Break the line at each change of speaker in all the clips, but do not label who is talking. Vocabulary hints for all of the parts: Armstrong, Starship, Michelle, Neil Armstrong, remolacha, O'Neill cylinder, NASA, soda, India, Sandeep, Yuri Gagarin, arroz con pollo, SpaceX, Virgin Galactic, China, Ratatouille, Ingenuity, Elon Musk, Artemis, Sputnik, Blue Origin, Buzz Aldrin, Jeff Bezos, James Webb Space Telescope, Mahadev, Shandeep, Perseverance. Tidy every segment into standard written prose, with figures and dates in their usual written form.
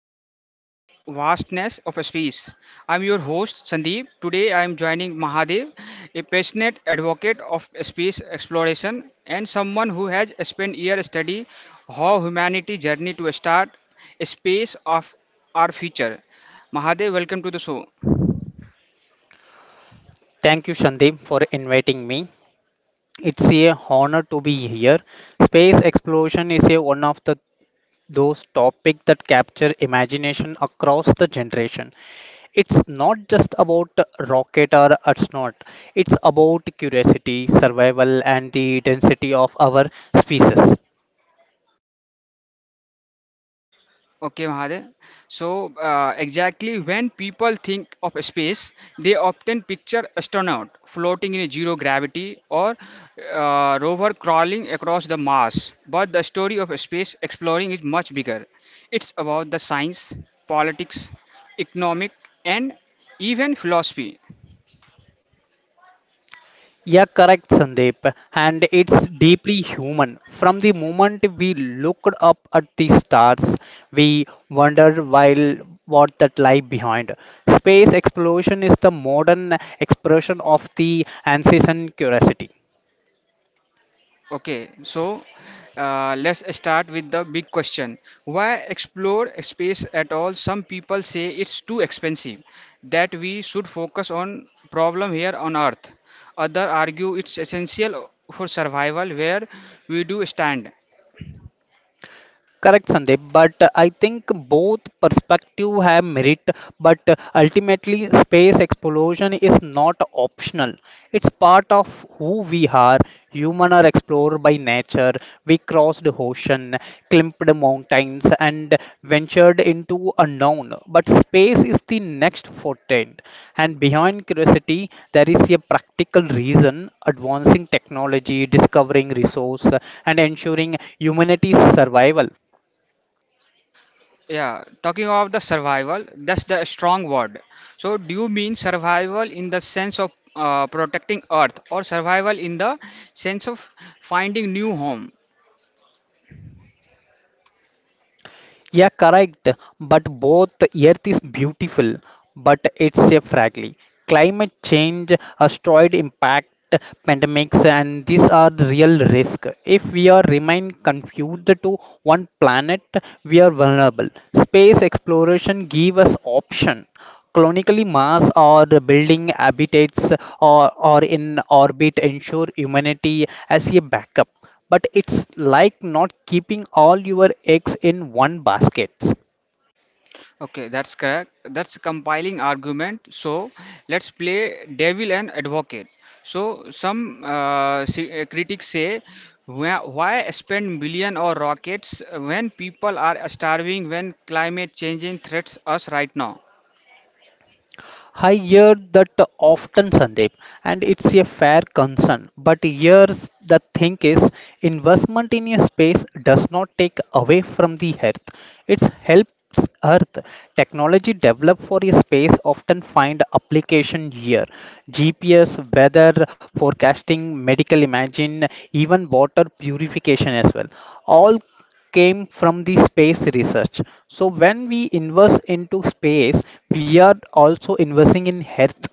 Earth into the vastness of space. I'm your host Sandeep. Today I am joining Mahadev, a passionate advocate of space exploration and someone who has spent years studying how humanity journey to start a space of our future. Mahadev, welcome to the show.
Thank you, Shandeep, for inviting me. It's a honor to be here. Space exploration is a one of the those topics that capture imagination across the generation. It's not just about rocket or astronaut. It's about curiosity, survival, and the density of our species.
Okay, Mahadev. So, exactly when people think of space, they often picture astronaut floating in a zero gravity or rover crawling across the Mars. But the story of space exploring is much bigger. It's about the science, politics, economic, and even philosophy.
Yeah, correct, Sandeep. And it's deeply human. From the moment we looked up at the stars, we wondered while what that lie behind. Space exploration is the modern expression of the ancient curiosity.
Okay, so let's start with the big question. Why explore space at all? Some people say it's too expensive, that we should focus on problem here on Earth. Other argue it's essential for survival where we do stand.
Correct, Sandeep. But I think both perspective have merit. But ultimately, space exploration is not optional. It's part of who we are. Human are explorer by nature. We crossed the ocean, climbed mountains, and ventured into unknown. But space is the next forte, and behind curiosity, there is a practical reason. Advancing technology, discovering resource, and ensuring humanity's survival.
Yeah, talking of the survival, that's the strong word. So, do you mean survival in the sense of protecting Earth, or survival in the sense of finding new home?
Yeah, correct. But both Earth is beautiful, but it's a fragile. Climate change, asteroid impact, pandemics, and these are the real risk. If we are remain confused to one planet, we are vulnerable. Space exploration give us option. Colonically, Mars or building habitats or in orbit ensure humanity as a backup. But it's like not keeping all your eggs in one basket.
Okay, that's correct. That's compiling argument. So let's play devil and advocate. So some critics say, why spend million or rockets when people are starving, when climate changing threats us right now?
I hear that often, Sandeep, and it's a fair concern. But here's the thing is investment in a space does not take away from the earth. It helps earth. Technology developed for a space often find application here. GPS, weather forecasting, medical imaging, even water purification as well. All came from the space research. So when we invest into space, we are also investing in health.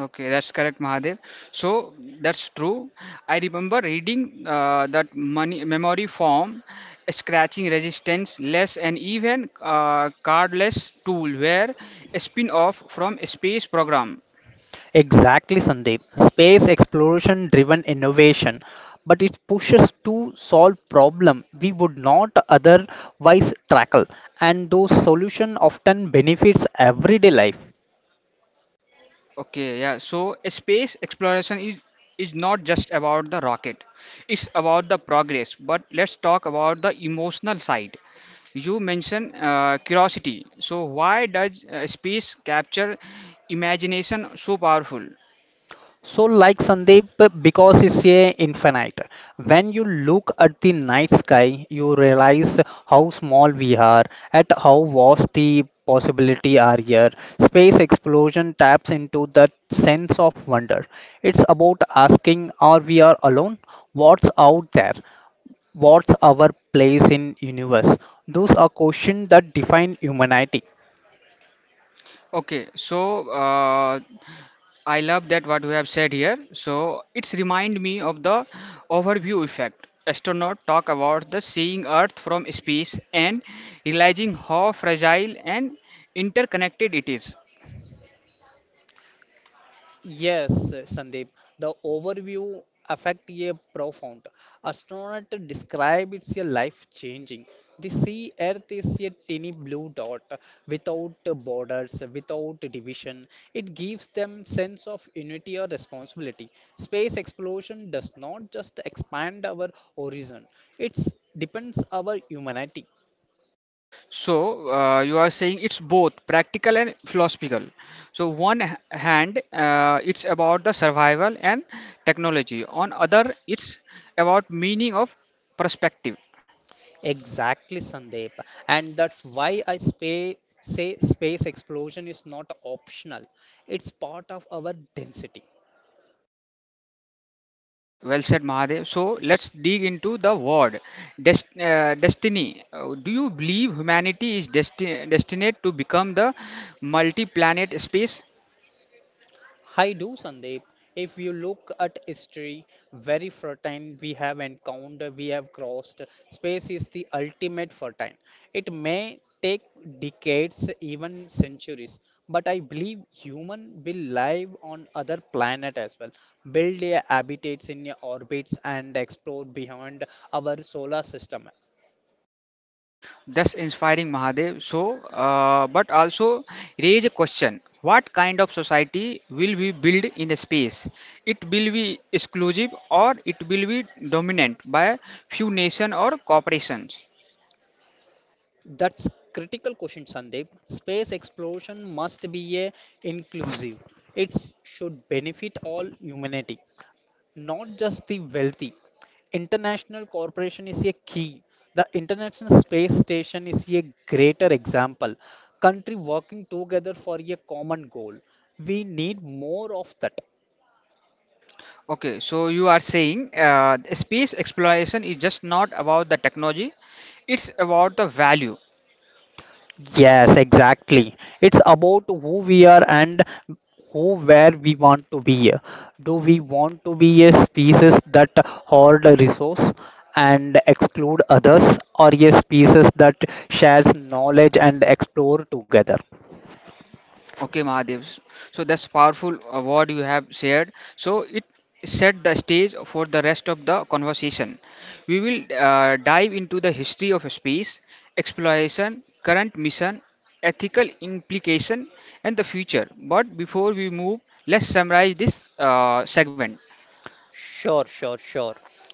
Okay, that's correct, Mahadev. So that's true. I remember reading that money memory form, scratching resistance less, and even cardless tool were a spin-off from a space program.
Exactly, Sandeep. Space exploration driven innovation, but it pushes to solve problem we would not otherwise tackle, and those solution often benefits everyday life.
Okay, yeah. So a space exploration is not just about the rocket. It's about the progress. But let's talk about the emotional side. You mentioned curiosity. So why does space capture imagination so powerful?
So, like Sandeep, because it's a infinite. When you look at the night sky, you realize how small we are, at how vast the possibility are here. Space explosion taps into that sense of wonder. It's about asking, are we are alone? What's out there? What's our place in universe? Those are questions that define humanity.
Okay, so I love that what you have said here. So it's remind me of the overview effect. Astronauts talk about the seeing Earth from space and realizing how fragile and interconnected it is.
Yes, Sandeep. The overview affect a profound. Astronaut describe it's a life changing. The sea Earth is a tiny blue dot without borders, without division. It gives them sense of unity or responsibility. Space exploration does not just expand our horizon; it depends our humanity.
So you are saying it's both practical and philosophical. So one hand, it's about the survival and technology. On other, it's about meaning of perspective.
Exactly, Sandeep. And that's why say space exploration is not optional, it's part of our density.
Okay, well said, Mahadev. So let's dig into the word destiny. Do you believe humanity is destined to become the multi planet space?
I do, Sandeep. If you look at history, very fertile we have encountered, we have crossed. Space is the ultimate fertile. It may take decades, even centuries, but I believe human will live on other planet as well, build their habitats in their orbits and explore beyond our solar system.
Thus inspiring, Mahadev. So, but also raise a question what kind of society will we build in a space? It will be exclusive or it will be dominant by few nations or corporations?
That's critical question, Sandeep. Space exploration must be a inclusive. It should benefit all humanity, not just the wealthy. International cooperation is a key. The International Space Station is a greater example. Country working together for a common goal. We need more of that.
Okay, so you are saying space exploration is just not about the technology, it's about the value.
Yes, exactly. It's about who we are and who where we want to be. Do we want to be a species that hoard resource and exclude others, or a species that shares knowledge and explore together?
Okay, Mahadev. So that's powerful what you have shared. So it set the stage for the rest of the conversation. We will dive into the history of space exploration, current mission, ethical implication, and the future. But before we move, let's summarize this segment.
Sure, sure, sure.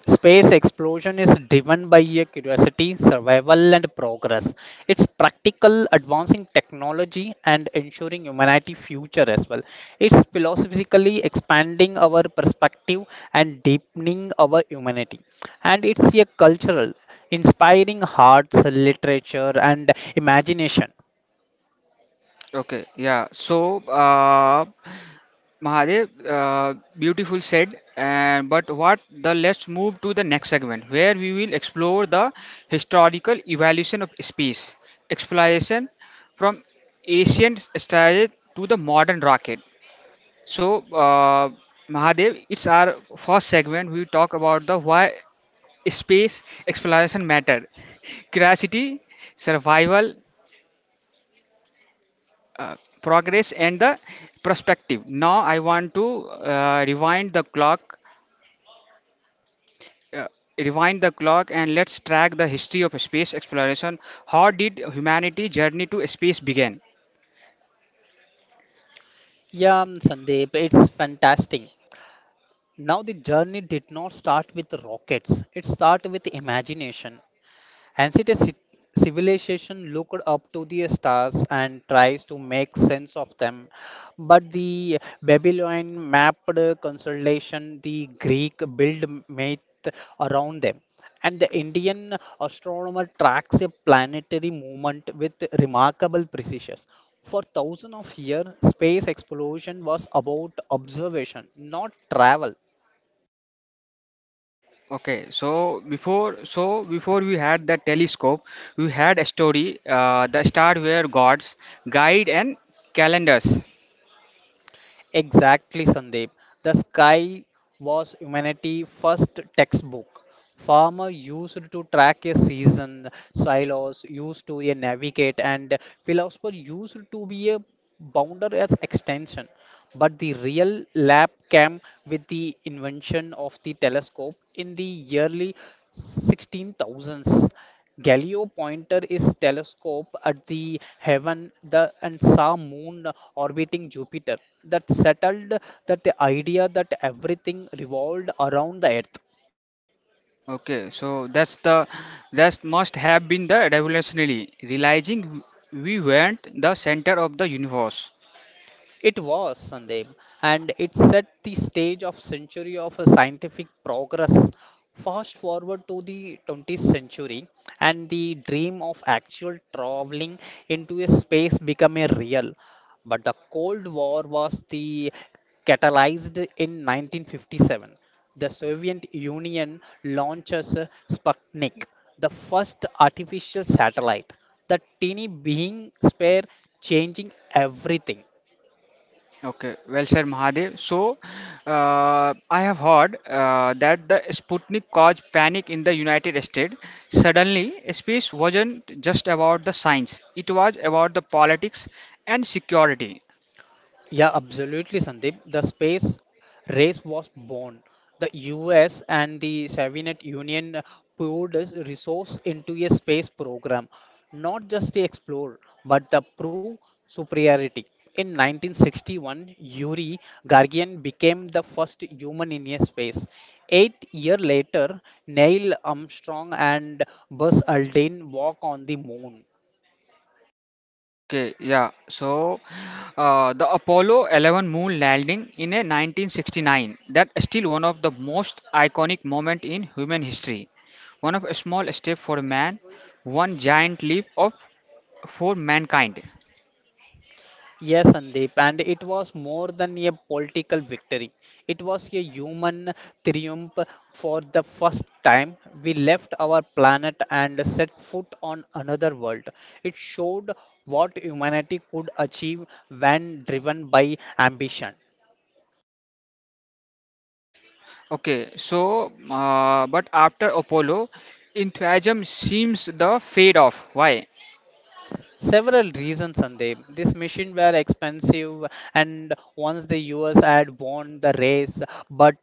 Space exploration is driven by a curiosity, survival, and progress. It's practical, advancing technology and ensuring humanity future as well. It's philosophically expanding our perspective and deepening our humanity. And it's a cultural, inspiring hearts, literature, and imagination.
Okay, yeah. So, Mahadev, beautiful said. And but what the let's move to the next segment where we will explore the historical evolution of space exploration from ancient strategy to the modern rocket. So, Mahadev, it's our first segment. We talk about the why space exploration matter, curiosity, survival, progress, and the perspective. Now I want to uh, rewind the clock and let's track the history of space exploration. How did humanity journey to space begin?
Yeah, Sandeep, it's fantastic. Now, the journey did not start with rockets, it started with imagination. Ancient ci- civilization looked up to the stars and tries to make sense of them. But the Babylonian mapped constellation, the Greek built myth around them, and the Indian astronomer tracks a planetary movement with remarkable precision. For thousands of years, space exploration was about observation, not travel.
Okay, so before we had the telescope, we had a story. The star were gods, guide and calendars.
Exactly, Sandeep. The sky was humanity's first textbook. Farmer used to track a season, silos used to a navigate, and philosopher used to be a boundary as extension. But the real lab came with the invention of the telescope in the yearly 16,000s. Galileo pointed his telescope at the heaven the, and saw moon orbiting Jupiter. That settled that the idea that everything revolved around the Earth.
Okay, so that must have been the revolutionary realizing we weren't the center of the universe.
It was, Sandeep, and it set the stage of century of a scientific progress. Fast forward to the 20th century, and the dream of actual traveling into a space became a real. But the Cold War was the catalyzed in 1957. The Soviet Union launches Sputnik, the first artificial satellite. The teeny being spare changing everything.
Okay, well said, Mahadev. So, I have heard that the Sputnik caused panic in the United States. Suddenly, space wasn't just about the science, it was about the politics and security.
Yeah, absolutely, Sandeep. The space race was born. The US and the Soviet Union poured its resource into a space program, not just to explore, but to prove superiority. In 1961, Yuri Gagarin became the first human in a space. 8 years later, Neil Armstrong and Buzz Aldrin walk on the moon.
Okay, yeah. So, the Apollo 11 moon landing in a 1969, that is still one of the most iconic moment in human history. One of a small step for man, one giant leap of for mankind.
Yes, Sandeep, and it was more than a political victory. It was a human triumph for the first time. We left our planet and set foot on another world. It showed what humanity could achieve when driven by ambition.
Okay, so but after Apollo, enthusiasm seems the fade off. Why?
Several reasons, Sandeep. These machines were expensive, and once the US had won the race, but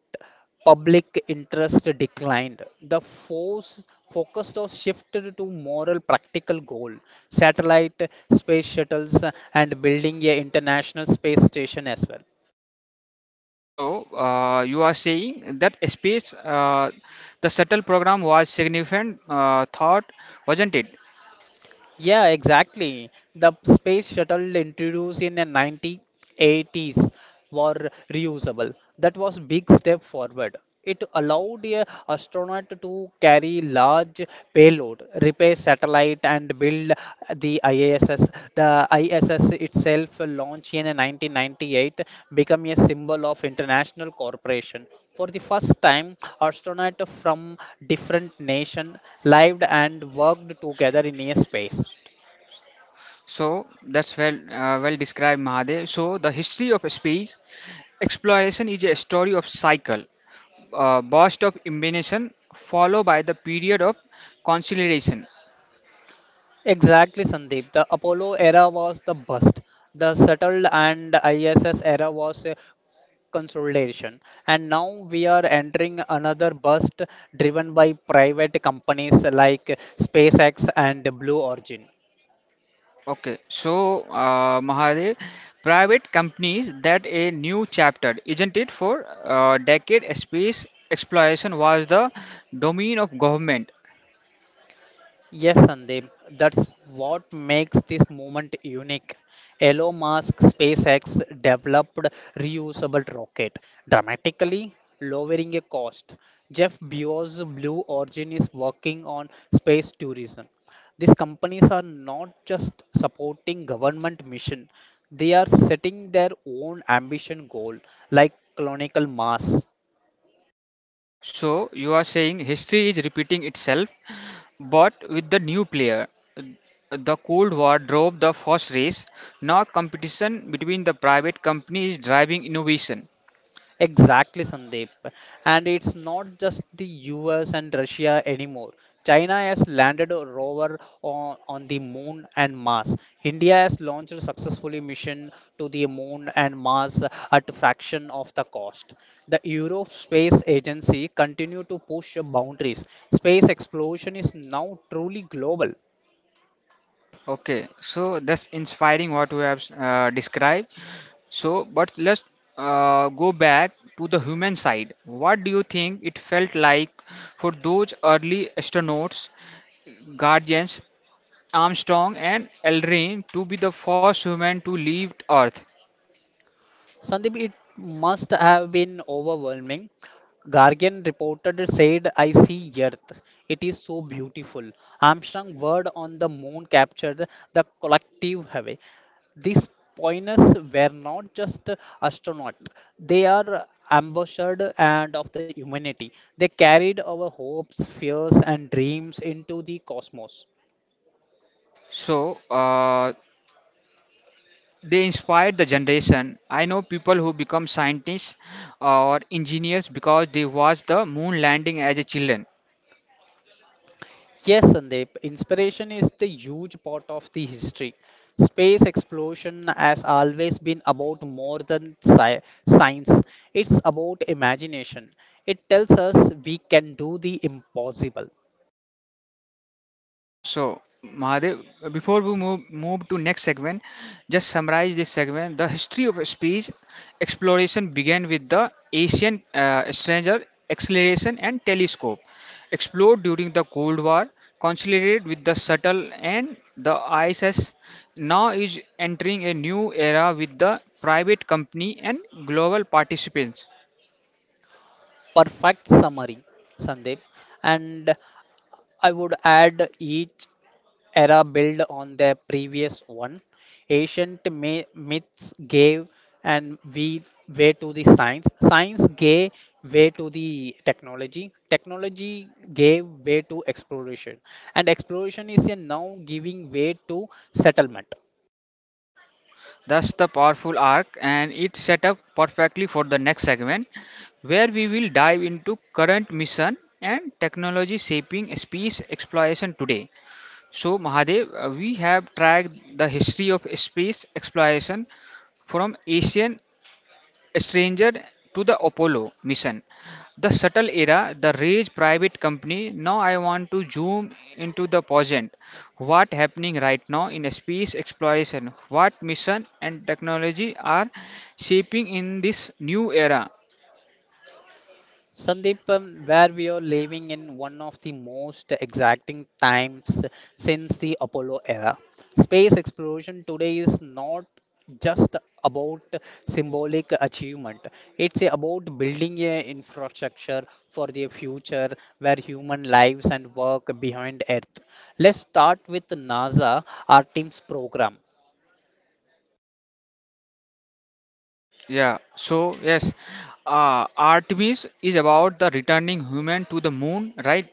public interest declined. The force focus was shifted to moral practical goal satellite space shuttles and building a international space station as well.
So you are saying that space, the shuttle program was significant thought, wasn't it?
Yeah, exactly. The space shuttle introduced in the 1980s were reusable. That was big step forward. It allowed a astronaut to carry large payload, repair satellite, and build the ISS. The ISS itself launched in 1998 became a symbol of international cooperation. For the first time, astronauts from different nations lived and worked together in a space.
So that's well well described, Mahadev. So the history of space exploration is a story of cycle, burst of imagination followed by the period of consolidation.
Exactly, Sandeep. The Apollo era was the bust. The shuttle and ISS era was a consolidation. And now we are entering another bust driven by private companies like SpaceX and Blue Origin.
Okay, so Mahadev, private companies that a new chapter, isn't it? For a decade, space exploration was the domain of government.
Yes, Sandeep, that's what makes this movement unique. Elon Musk SpaceX developed reusable rocket, dramatically lowering a cost. Jeff Bezos' Blue Origin is working on space tourism. These companies are not just supporting government mission, they are setting their own ambition goal like colonial Mars.
So you are saying history is repeating itself, but with the new player. The Cold War drove the first race. Now competition between the private companies driving innovation.
Exactly, Sandeep. And it's not just the US and Russia anymore. China has landed a rover on the moon and Mars. India has launched a successfully mission to the moon and Mars at a fraction of the cost. The Europe Space Agency continue to push boundaries. Space exploration is now truly global.
Okay, so that's inspiring what you have described. So, but let's go back to the human side. What do you think it felt like for those early astronauts, Guardians, Armstrong, and Aldrin to be the first human to leave Earth?
Sandeep, it must have been overwhelming. Guardian reported said, I see Earth. It is so beautiful. Armstrong word on the moon captured the collective away. These pioneers were not just astronauts, they are ambassadors and of the humanity. They carried our hopes, fears, and dreams into the cosmos.
So, they inspired the generation. I know people who become scientists or engineers because they watched the moon landing as a children.
Yes, Sandeep, inspiration is the huge part of the history. Space exploration has always been about more than science, it's about imagination. It tells us we can do the impossible.
So, Mahadev, before we move to next segment, just summarize this segment. The history of speech exploration began with the Asian stranger acceleration and telescope, explored during the Cold War, consolidated with the shuttle and the ISS. Now is entering a new era with the private company and global participants.
Perfect summary, Sandeep. And I would add each era build on the previous one. Ancient myths gave and we way to the science. Science gave way to the technology. Technology gave way to exploration, and exploration is a now giving way to settlement.
That's the powerful arc, and it's set up perfectly for the next segment, where we will dive into current mission and technology shaping space exploration today. So, Mahadev, we have tracked the history of space exploration from ancient a stranger to the Apollo mission, the shuttle era, the rage private company. Now I want to zoom into the present. What happening right now in space exploration? What mission and technology are shaping in this new era?
Sandeep, where we are living in one of the most exacting times since the Apollo era. Space exploration today is not just about symbolic achievement, it's about building a infrastructure for the future where human lives and work behind Earth. Let's start with NASA Artemis program.
Yeah. So yes, Artemis is about the returning human to the moon, right?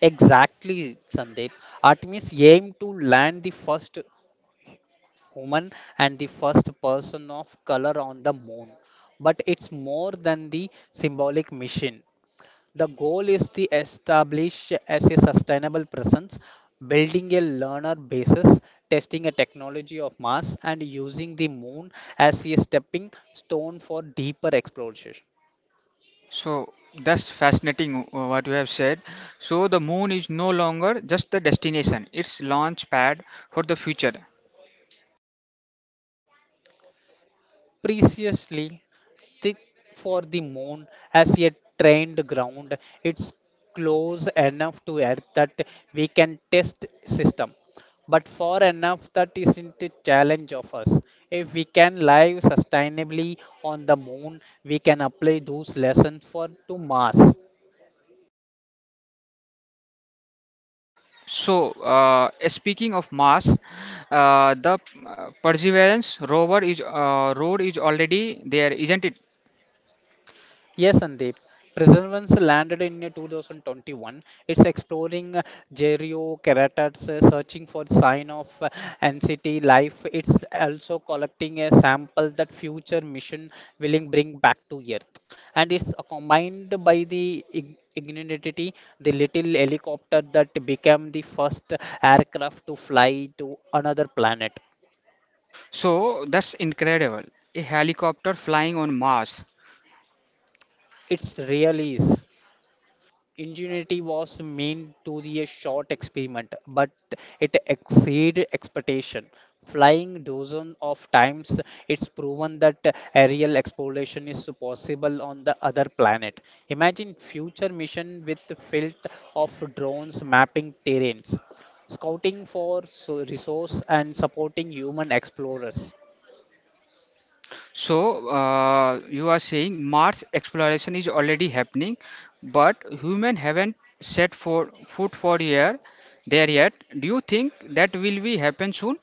Exactly, Sandeep. Artemis aimed to land the first Human and the first person of color on the moon. But it's more than the symbolic mission. The goal is to establish as a sustainable presence, building a learner basis, testing a technology of Mars, and using the moon as a stepping stone for deeper exploration.
So that's fascinating what you have said. So the moon is no longer just the destination, it's launch pad for the future.
Preciously thick for the moon as a trained ground. It's close enough to Earth that we can test system, but far enough that isn't a challenge of us. If we can live sustainably on the moon, we can apply those lessons for to Mars.
So speaking of Mars, the Perseverance rover is road is already there, isn't it?
Yes, Sandeep. Preservance landed in 2021. It's exploring gerocaracters, searching for sign of ancient life. It's also collecting a sample that future mission will bring back to Earth. And it's combined by the ignorantity, the little helicopter that became the first aircraft to fly to another planet.
So that's incredible. A helicopter flying on Mars.
It's really is. Ingenuity was meant to be a short experiment, but it exceeded expectation. Flying dozens of times, it's proven that aerial exploration is possible on the other planet. Imagine future mission with the field of drones mapping terrains, scouting for resource and supporting human explorers.
So, you are saying Mars exploration is already happening, but human haven't set for foot for here there yet. Do you think that will be happen soon?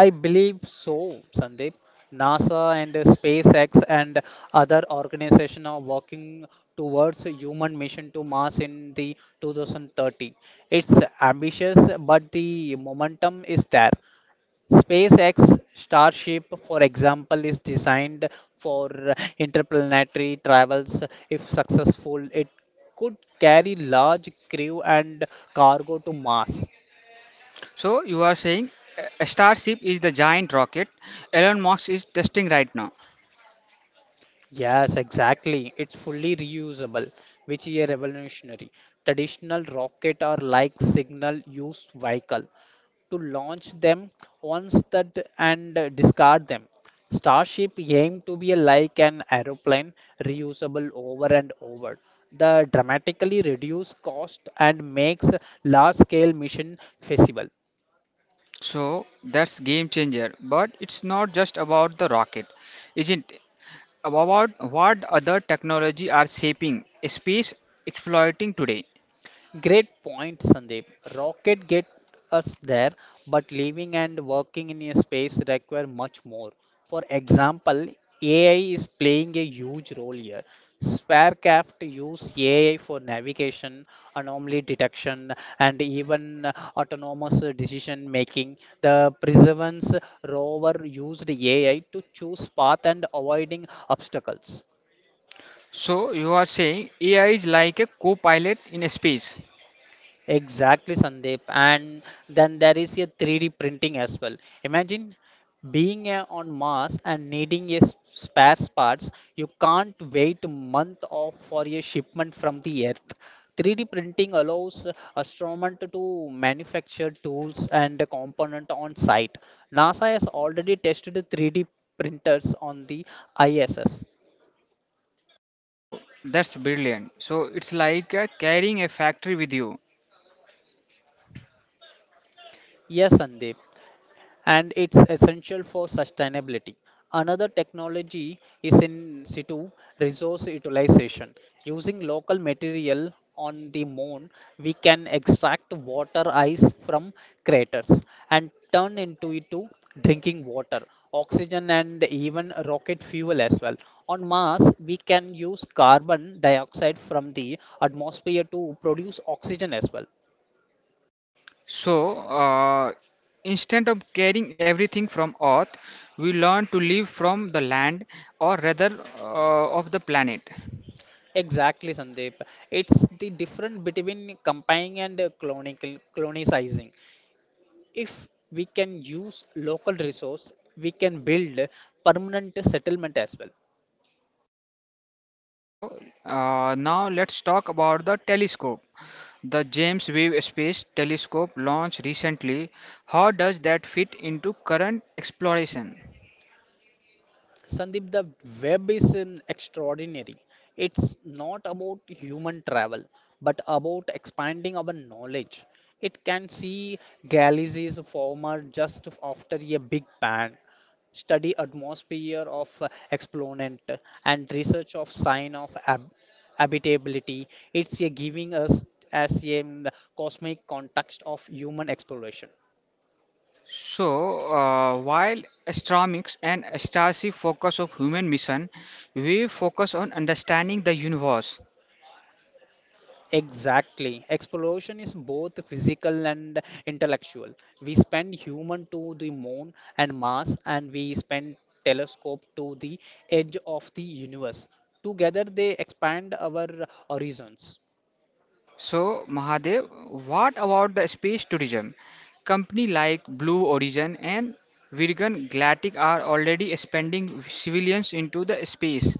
I believe so, Sandeep. NASA and SpaceX and other organizations are working towards a human mission to Mars in the 2030. It's ambitious, but the momentum is there. SpaceX Starship, for example, is designed for interplanetary travels. If successful, it could carry large crew and cargo to Mars.
So, you are saying Starship is the giant rocket Elon Musk is testing right now.
Yes, exactly. It's fully reusable, which is a revolutionary. Traditional rocket are like signal use vehicle to launch them once that and discard them. Starship aim to be like an aeroplane, reusable over and over. The dramatically reduce cost and makes large scale mission feasible.
So that's game changer. But it's not just about the rocket, isn't it? About what other technology are shaping space exploiting today.
Great point, Sandeep. Rocket get us there, but living and working in a space require much more. For example, AI is playing a huge role here. Sparecraft use AI for navigation, anomaly detection, and even autonomous decision making. The Perseverance rover used AI to choose path and avoiding obstacles.
So you are saying AI is like a co-pilot in space.
Exactly, Sandeep. And then there is a 3D printing as well. Imagine being on Mars and needing a spare parts. You can't wait a month off for a shipment from the Earth. 3D printing allows astronomers to manufacture tools and the component on site. NASA has already tested the 3D printers on the ISS.
So that's brilliant. So it's like carrying a factory with you.
Yes, Sandeep, and it's essential for sustainability. Another technology is in situ resource utilization. Using local material on the moon, we can extract water ice from craters and turn into it to drinking water, oxygen, and even rocket fuel as well. On Mars, we can use carbon dioxide from the atmosphere to produce oxygen as well.
So instead of carrying everything from Earth, we learn to live from the land, or rather, of the planet.
Exactly, Sandeep. It's the difference between comparing and clonical, colonizing. If we can use local resource, we can build permanent settlement as well.
So now let's talk about the telescope. The James Webb Space Telescope launched recently. How does that fit into current exploration?
Sandeep, the web is extraordinary. It's not about human travel, but about expanding our knowledge. It can see galaxies former just after a big bang, study atmosphere of exponent, and research of sign of habitability. It's a giving us as a cosmic context of human exploration.
So, while astronomics and astronomy focus of human mission, we focus on understanding the universe.
Exactly. Exploration is both physical and intellectual. We spend human to the moon and Mars, and we spend telescope to the edge of the universe. Together, they expand our horizons.
So, Mahadev, what about the space tourism? Company like Blue Origin and Virgin Galactic are already expanding civilians into the space.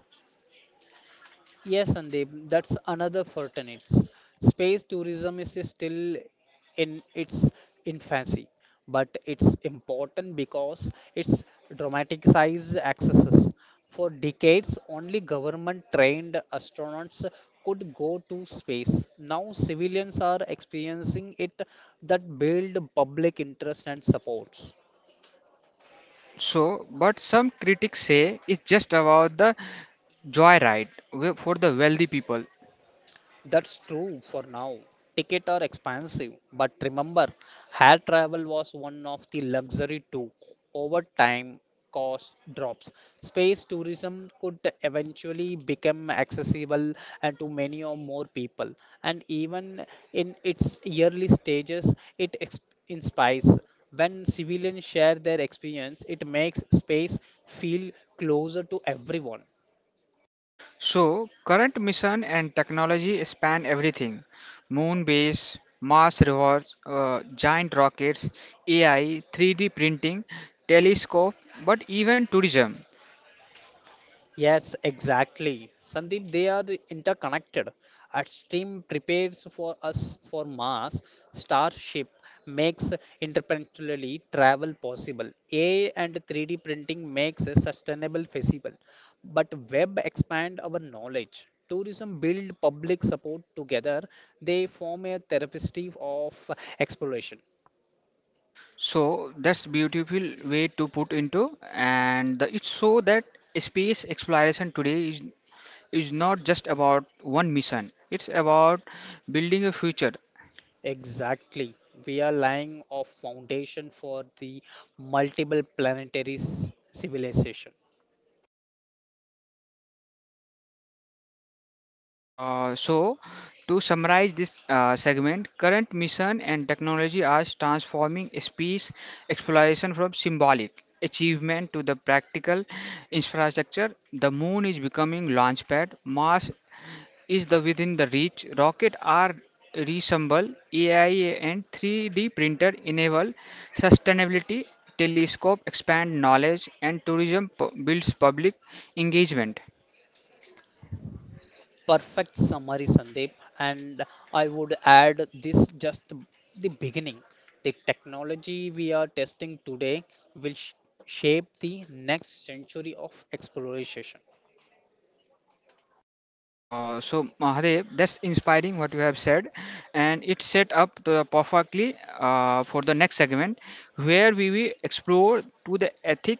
Yes, Sandeep, that's another fraternity. Space tourism is still in its infancy, but it's important because it's dramatic size accesses. For decades, only government trained astronauts could go to space. Now, civilians are experiencing it that build public interest and supports.
So, but some critics say it's just about the joyride for the wealthy people.
That's true for now. Tickets are expensive, but remember, air travel was one of the luxury too. Over time, cost drops. Space tourism could eventually become accessible and to many or more people, and even in its early stages, it inspires. When civilians share their experience, it makes space feel closer to everyone.
So, current mission and technology span everything moon base, Mars rovers, giant rockets, AI, 3D printing, telescope, but even tourism.
Yes, exactly. Sandeep, they are the interconnected. Upstream prepares for us for Mars. Starship makes interplanetary travel possible. AI and 3D printing makes a sustainable feasible. But web expand our knowledge. Tourism build public support together. They form a therapy of exploration.
So, that's beautiful way to put into, and it's so that space exploration today is not just about one mission, it's about building a future.
Exactly. We are laying a foundation for the multiple planetary civilization.
So, to summarize this segment, current mission and technology are transforming space exploration from symbolic achievement to the practical infrastructure. The moon is becoming launchpad. Mars is the within the reach. Rocket are reassemble. AI and 3D printer enable sustainability. Telescope expand knowledge and tourism builds public engagement.
Perfect summary, Sandeep. And I would add this just the beginning. The technology we are testing today will shape the next century of exploration.
So Mahadev, that's inspiring what you have said, and it set up the perfectly for the next segment, where we will explore to the ethic,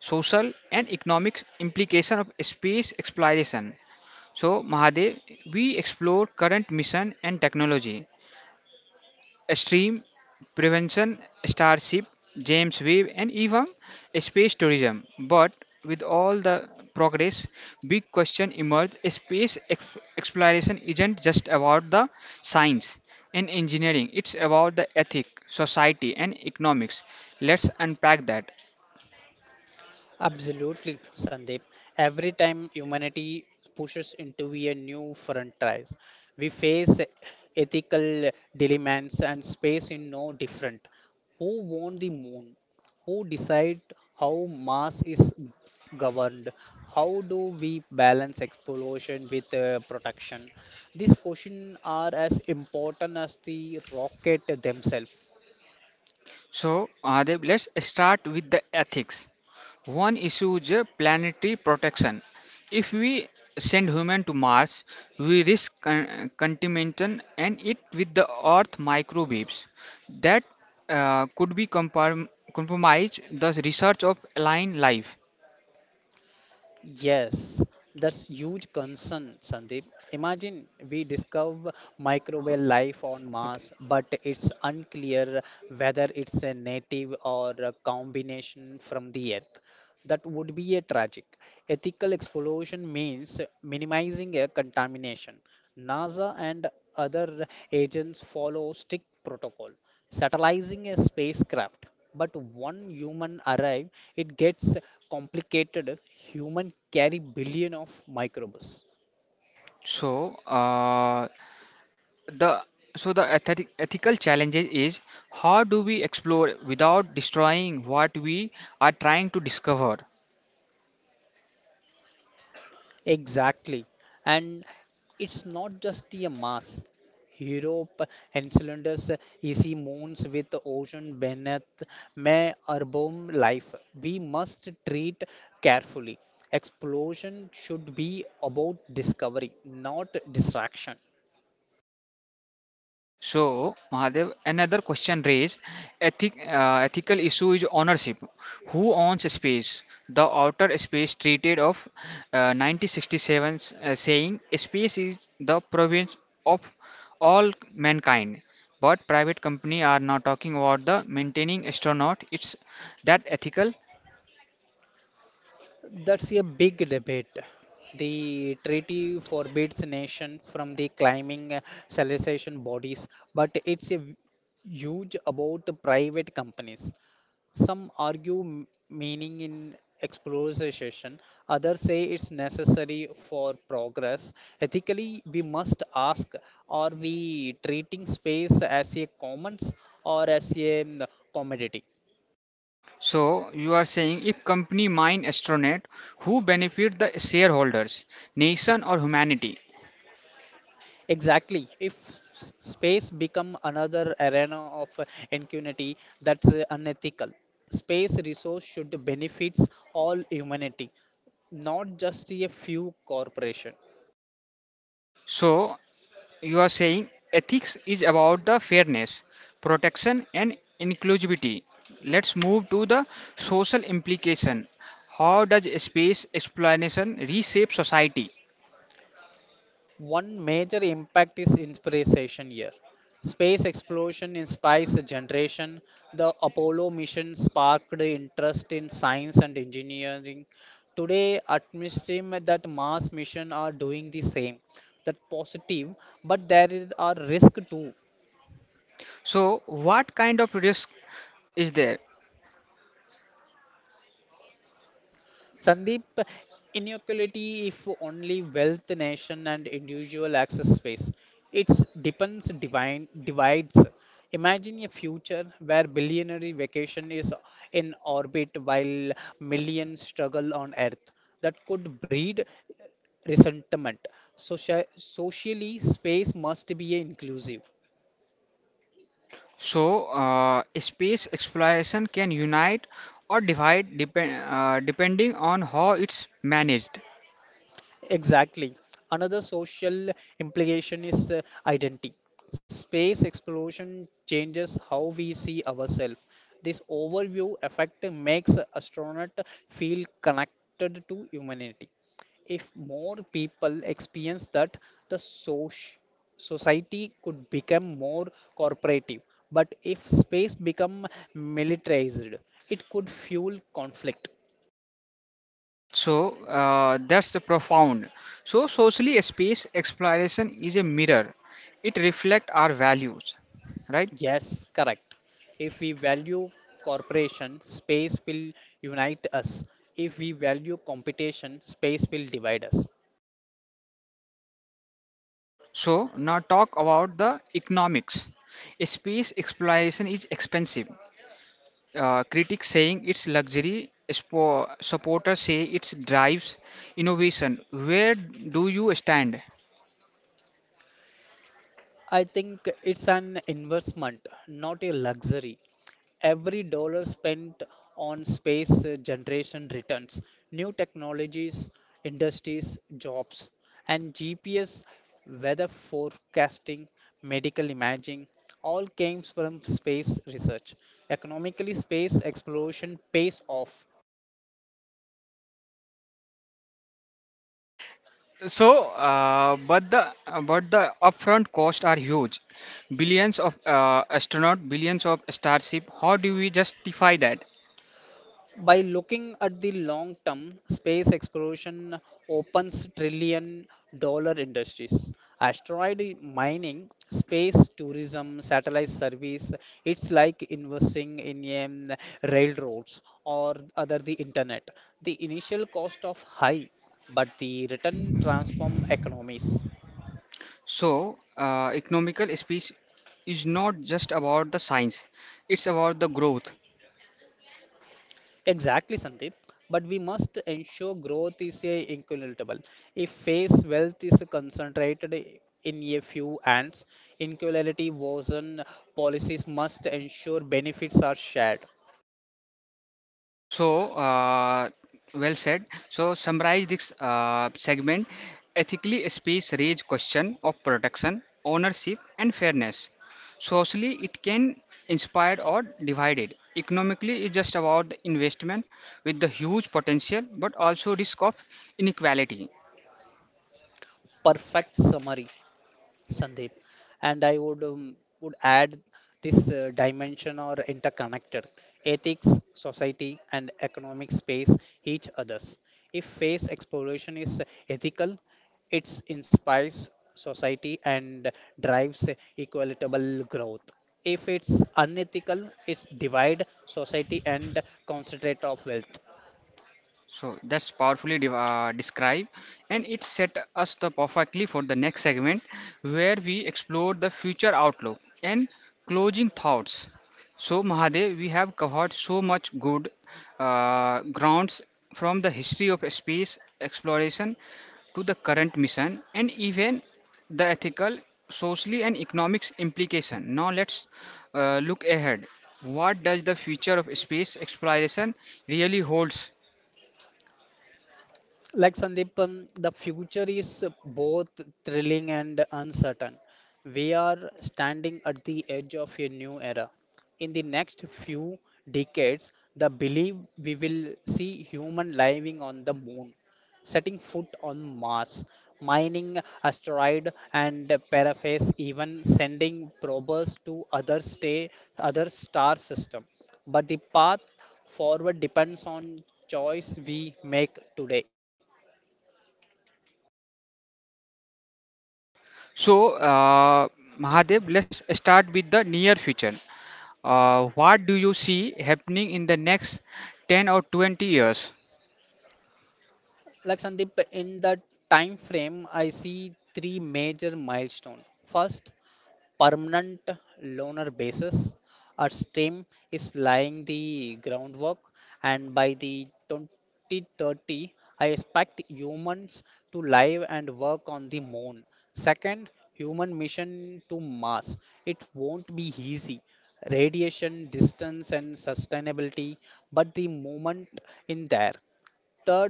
social, and economic implication of space exploration. So Mahadev, we explore current mission and technology, stream prevention, Starship, James Webb, and even space tourism. But with all the progress, big question emerged: space exploration isn't just about the science and engineering; it's about the ethic, society, and economics. Let's unpack that.
Absolutely, Sandeep. Every time humanity pushes into a new frontiers, we face ethical dilemmas and space in no different. Who won the moon? Who decide how mass is governed? How do we balance exploration with protection? These questions are as important as the rocket themselves.
So, Adeb, let's start with the ethics. One issue is planetary protection. If we send human to Mars, we risk contamination and it with the Earth microbes that could be compromised the research of alien life.
Yes, that's huge concern, Sandeep. Imagine we discover microbial life on Mars, but it's unclear whether it's a native or a combination from the Earth. That would be a tragic. Ethical exploration means minimizing a contamination. NASA and other agents follow strict protocol, satellising a spacecraft but one human arrive it gets complicated human carry billion of microbes
So, the the ethical challenges is how do we explore without destroying what we are trying to discover?
exactly and it's not just a mass europe encounters easy moons with ocean beneath may urban life we must treat carefully explosion should be about discovery not distraction.
So, Mahadev, another question raised ethical issue is ownership. Who owns space? The Outer Space Treaty of 1967 saying space is the province of all mankind. But private company are not talking about the maintaining astronaut. It's that ethical.
That's a big debate. The treaty forbids nation from the climbing civilization bodies, but it's a huge about the private companies. Some argue meaning in exploration, others say it's necessary for progress. Ethically, we must ask, are we treating space as a commons or as a commodity?
So you are saying if company mine astronaut, who benefit the shareholders, nation or humanity?
Exactly. If space become another arena of ingenuity, that's unethical. Space resource should benefits all humanity, not just a few corporation.
So, you are saying ethics is about the fairness, protection, and inclusivity. Let's move to the social implication. How does space exploration reshape society?
One major impact is inspiration here. Space exploration inspires a generation. The Apollo mission sparked interest in science and engineering. Today, atmosphere that Mars mission are doing the same. That positive, but there is a risk too.
So, what kind of risk is there?
Sandeep, inequality if only wealth, nation, and individual access space. It's depends divine divides. Imagine a future where billionary vacation is in orbit while millions struggle on Earth. That could breed resentment. Socially, space must be inclusive.
So, space exploration can unite or divide depending on how it's managed.
Exactly. Another social implication is identity. Space exploration changes how we see ourselves. This overview effect makes astronaut feel connected to humanity. If more people experience that, the society could become more cooperative. But if space become militarized, it could fuel conflict.
So that's the profound. So socially, a space exploration is a mirror. It reflects our values, right?
Yes, correct. If we value cooperation, space will unite us. If we value competition, space will divide us.
So now talk about the economics. A space exploration is expensive. Critics saying it's luxury. Supporters say it drives innovation. Where do you stand?
I think it's an investment, not a luxury. Every dollar spent on space generation returns, new technologies, industries, jobs, and GPS, weather forecasting, medical imaging, all came from space research. Economically, space exploration pays off.
So, but the upfront costs are huge, billions of astronaut, billions of starship. How do we justify that?
By looking at the long term, space exploration opens trillion-dollar industries. Asteroid mining, space tourism, satellite service, it's like investing in um, railroads or other the internet. The initial cost of high, but the return transform economies.
So, economical space is not just about the science; it's about the growth.
Exactly, Sandeep. But we must ensure growth is a equitable. If face wealth is concentrated in a few hands, inequality worsen. Policies must ensure benefits are shared.
So, well said. So, summarize this segment. Ethically space raise question of protection, ownership, and fairness. Socially, it can inspire or divide it. Economically, it's just about the investment with the huge potential, but also risk of inequality.
Perfect summary, Sandeep. And I would add this dimension or interconnected ethics, society, and economic space each others. If space exploration is ethical, it inspires society and drives equitable growth. If it's unethical, it's divide society and concentrate of wealth.
So that's powerfully described, and it set us the perfectly for the next segment, where we explore the future outlook and closing thoughts. So Mahadev, we have covered so much good grounds from the history of space exploration to the current mission, and even the ethical, socially, and economics implication. Now let's look ahead. What does the future of space exploration really holds?
Like Sandeep, the future is both thrilling and uncertain. We are standing at the edge of a new era. In the next few decades, the belief we will see human living on the moon, setting foot on Mars, mining asteroid and paraphase, even sending probes to other star system. But the path forward depends on choice we make today.
So, Mahadev, let's start with the near future. What do you see happening in the next 10 or 20 years?
Like Sandeep, in the time frame, I see three major milestones. First, permanent loaner basis. Our stream is laying the groundwork, and by the 2030, I expect humans to live and work on the moon. Second, human mission to Mars. It won't be easy. Radiation, distance, and sustainability, but the moment in there. Third,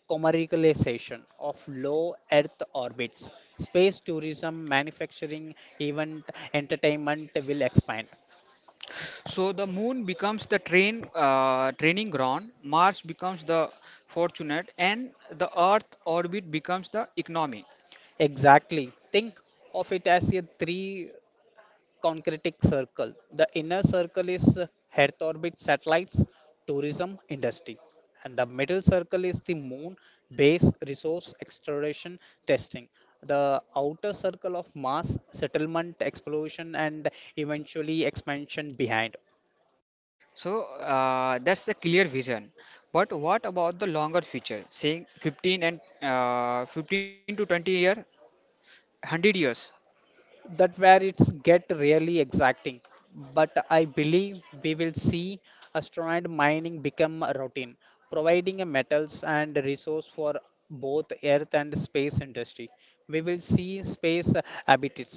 commercialization of low Earth orbits, space tourism, manufacturing, event, entertainment will expand.
So the moon becomes the training ground, Mars becomes the fortunate, and the Earth orbit becomes the economy.
Exactly. Think of it as a three concretic circle. The inner circle is Earth orbit satellites, tourism industry, and the middle circle is the moon base resource exploration testing. The outer circle of Mars settlement, exploration, and eventually expansion behind.
So that's the clear vision. But what about the longer future, saying 15 to 20 year, 100 years?
That where it's get really exacting, but I believe we will see asteroid mining become a routine providing a metals and resource for both earth and space industry. We will see space habitats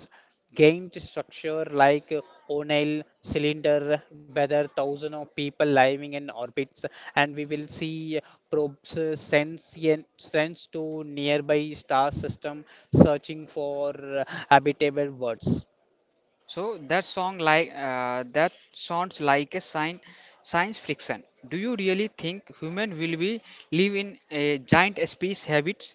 gained structure like O'Neill cylinder, whether thousands of people living in orbits, and we will see probes sends to nearby star system searching for habitable worlds.
So that sounds like a sign science fiction. Do you really think human will be live in a giant space habits?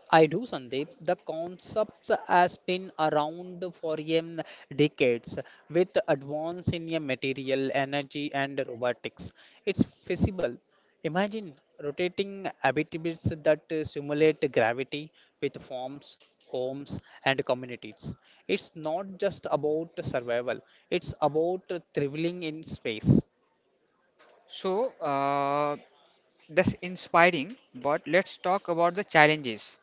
I do, Sandeep. The concept has been around for decades with advance in a material, energy, and robotics. It's feasible. Imagine rotating habitables that simulate gravity with farms, homes, and communities. It's not just about survival, it's about thrilling in space.
So that's inspiring. But let's talk about the challenges.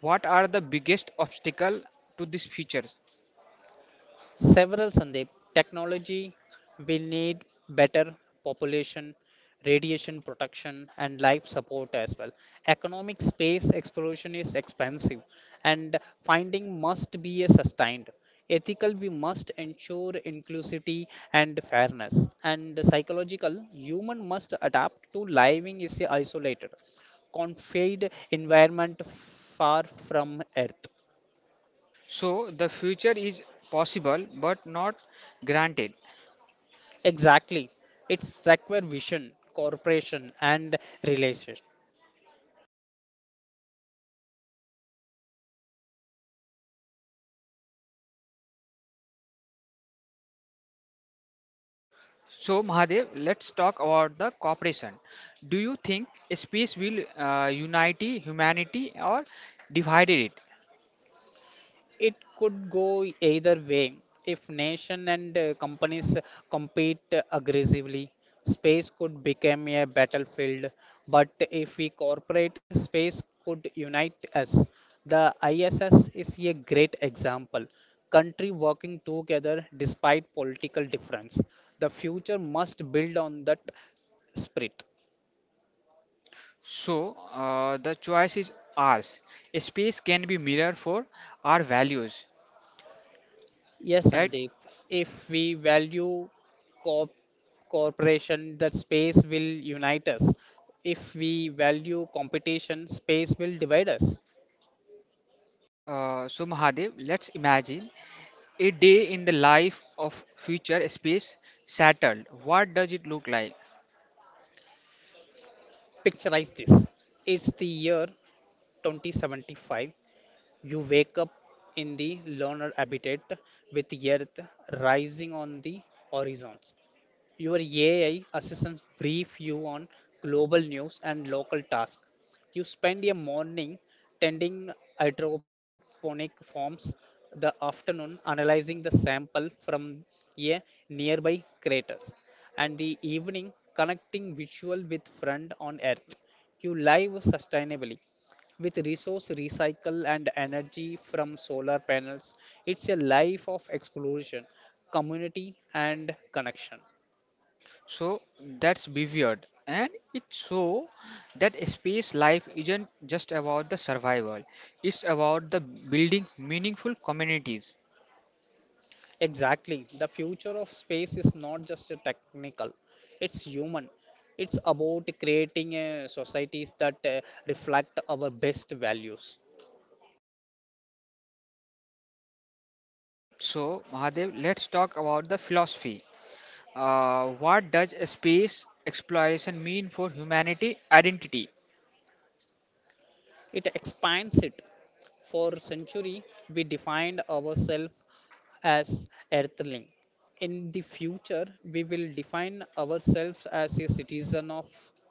What are the biggest obstacle to this future?
Several Sandeep technology will need better population, radiation protection, and life support as well. Economic space exploration is expensive, and finding must be a sustained. Ethical, we must ensure inclusivity and fairness. And psychological, human must adapt to living is isolated, confined environment far from Earth.
So the future is possible but not granted.
Exactly. It's secure vision, corporation, and relation.
So, Mahadev, let's talk about the cooperation. Do you think space will unite humanity or divide it?
It could go either way. If nation and companies compete aggressively, space could become a battlefield. But if we cooperate, space could unite us. The ISS is a great example. Country working together despite political difference. The future must build on that spirit.
So, the choice is ours. Space can be mirror for our values,
Yes,
right?
Sandeep. If we value co cooperation, that space will unite us. If we value competition, space will divide us.
So, Mahadev, let's imagine a day in the life of future space shuttle. What does it look like?
Picturize this. It's the year 2075. You wake up in the lunar habitat with the Earth rising on the horizons. Your AI assistants brief you on global news and local tasks. You spend a morning tending hydroponic farms, the afternoon analyzing the sample from a nearby craters, and the evening connecting visual with friend on earth. You live sustainably with resource recycle and energy from solar panels. It's a life of exploration, community, and connection.
So that's weird, and it show that space life isn't just about the survival; it's about the building meaningful communities.
Exactly. The future of space is not just a technical, it's human. It's about creating a societies that reflect our best values.
So Mahadev, let's talk about the philosophy. What does space exploration mean for humanity identity?
It expands it. For century, we defined ourselves as earthling. In the future, we will define ourselves as a citizen of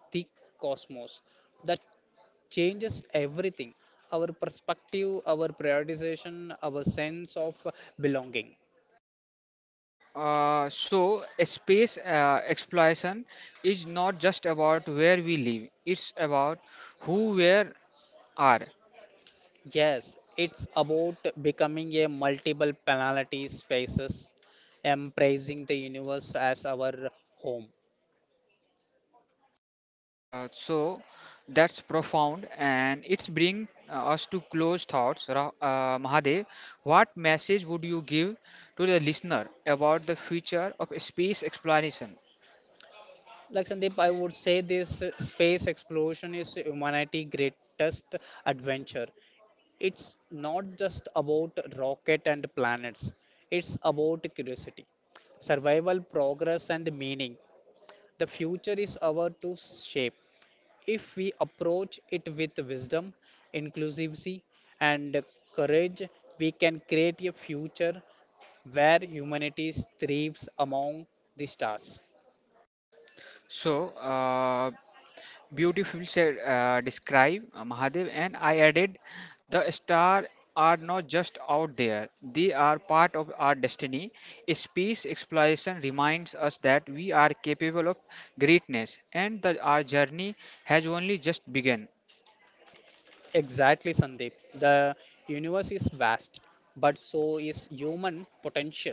the cosmos. That changes everything our perspective, our prioritization, our sense of belonging.
So space exploration is not just about where we live; it's about who we are.
Yes, it's about becoming a multiple penalty spaces, embracing the universe as our home.
So that's profound and it's bring us to close thoughts. Mahadev, what message would you give to the listener about the future of space exploration?
Like Sandeep, I would say this space exploration is humanity's greatest adventure. It's not just about rocket and planets. It's about curiosity, survival, progress, and meaning. The future is our to shape if we approach it with wisdom, inclusivity, and courage. We can create a future where humanity thrives among the stars.
So, uh, beautifully said, describe Mahadev, and I added, the stars are not just out there; they are part of our destiny. Space exploration reminds us that we are capable of greatness, and that our journey has only just begun.
Exactly, Sandeep. The universe is vast, but so is human potential.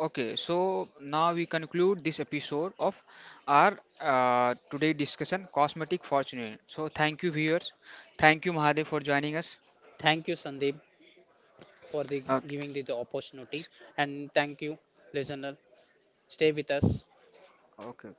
Okay, so now we conclude this episode of our today discussion, cosmetic fortune. So thank you viewers, thank you Mahadev for joining us.
Thank you, Sandeep, for the giving
Okay.
the opportunity, and thank you, listener. Stay with us.
Okay.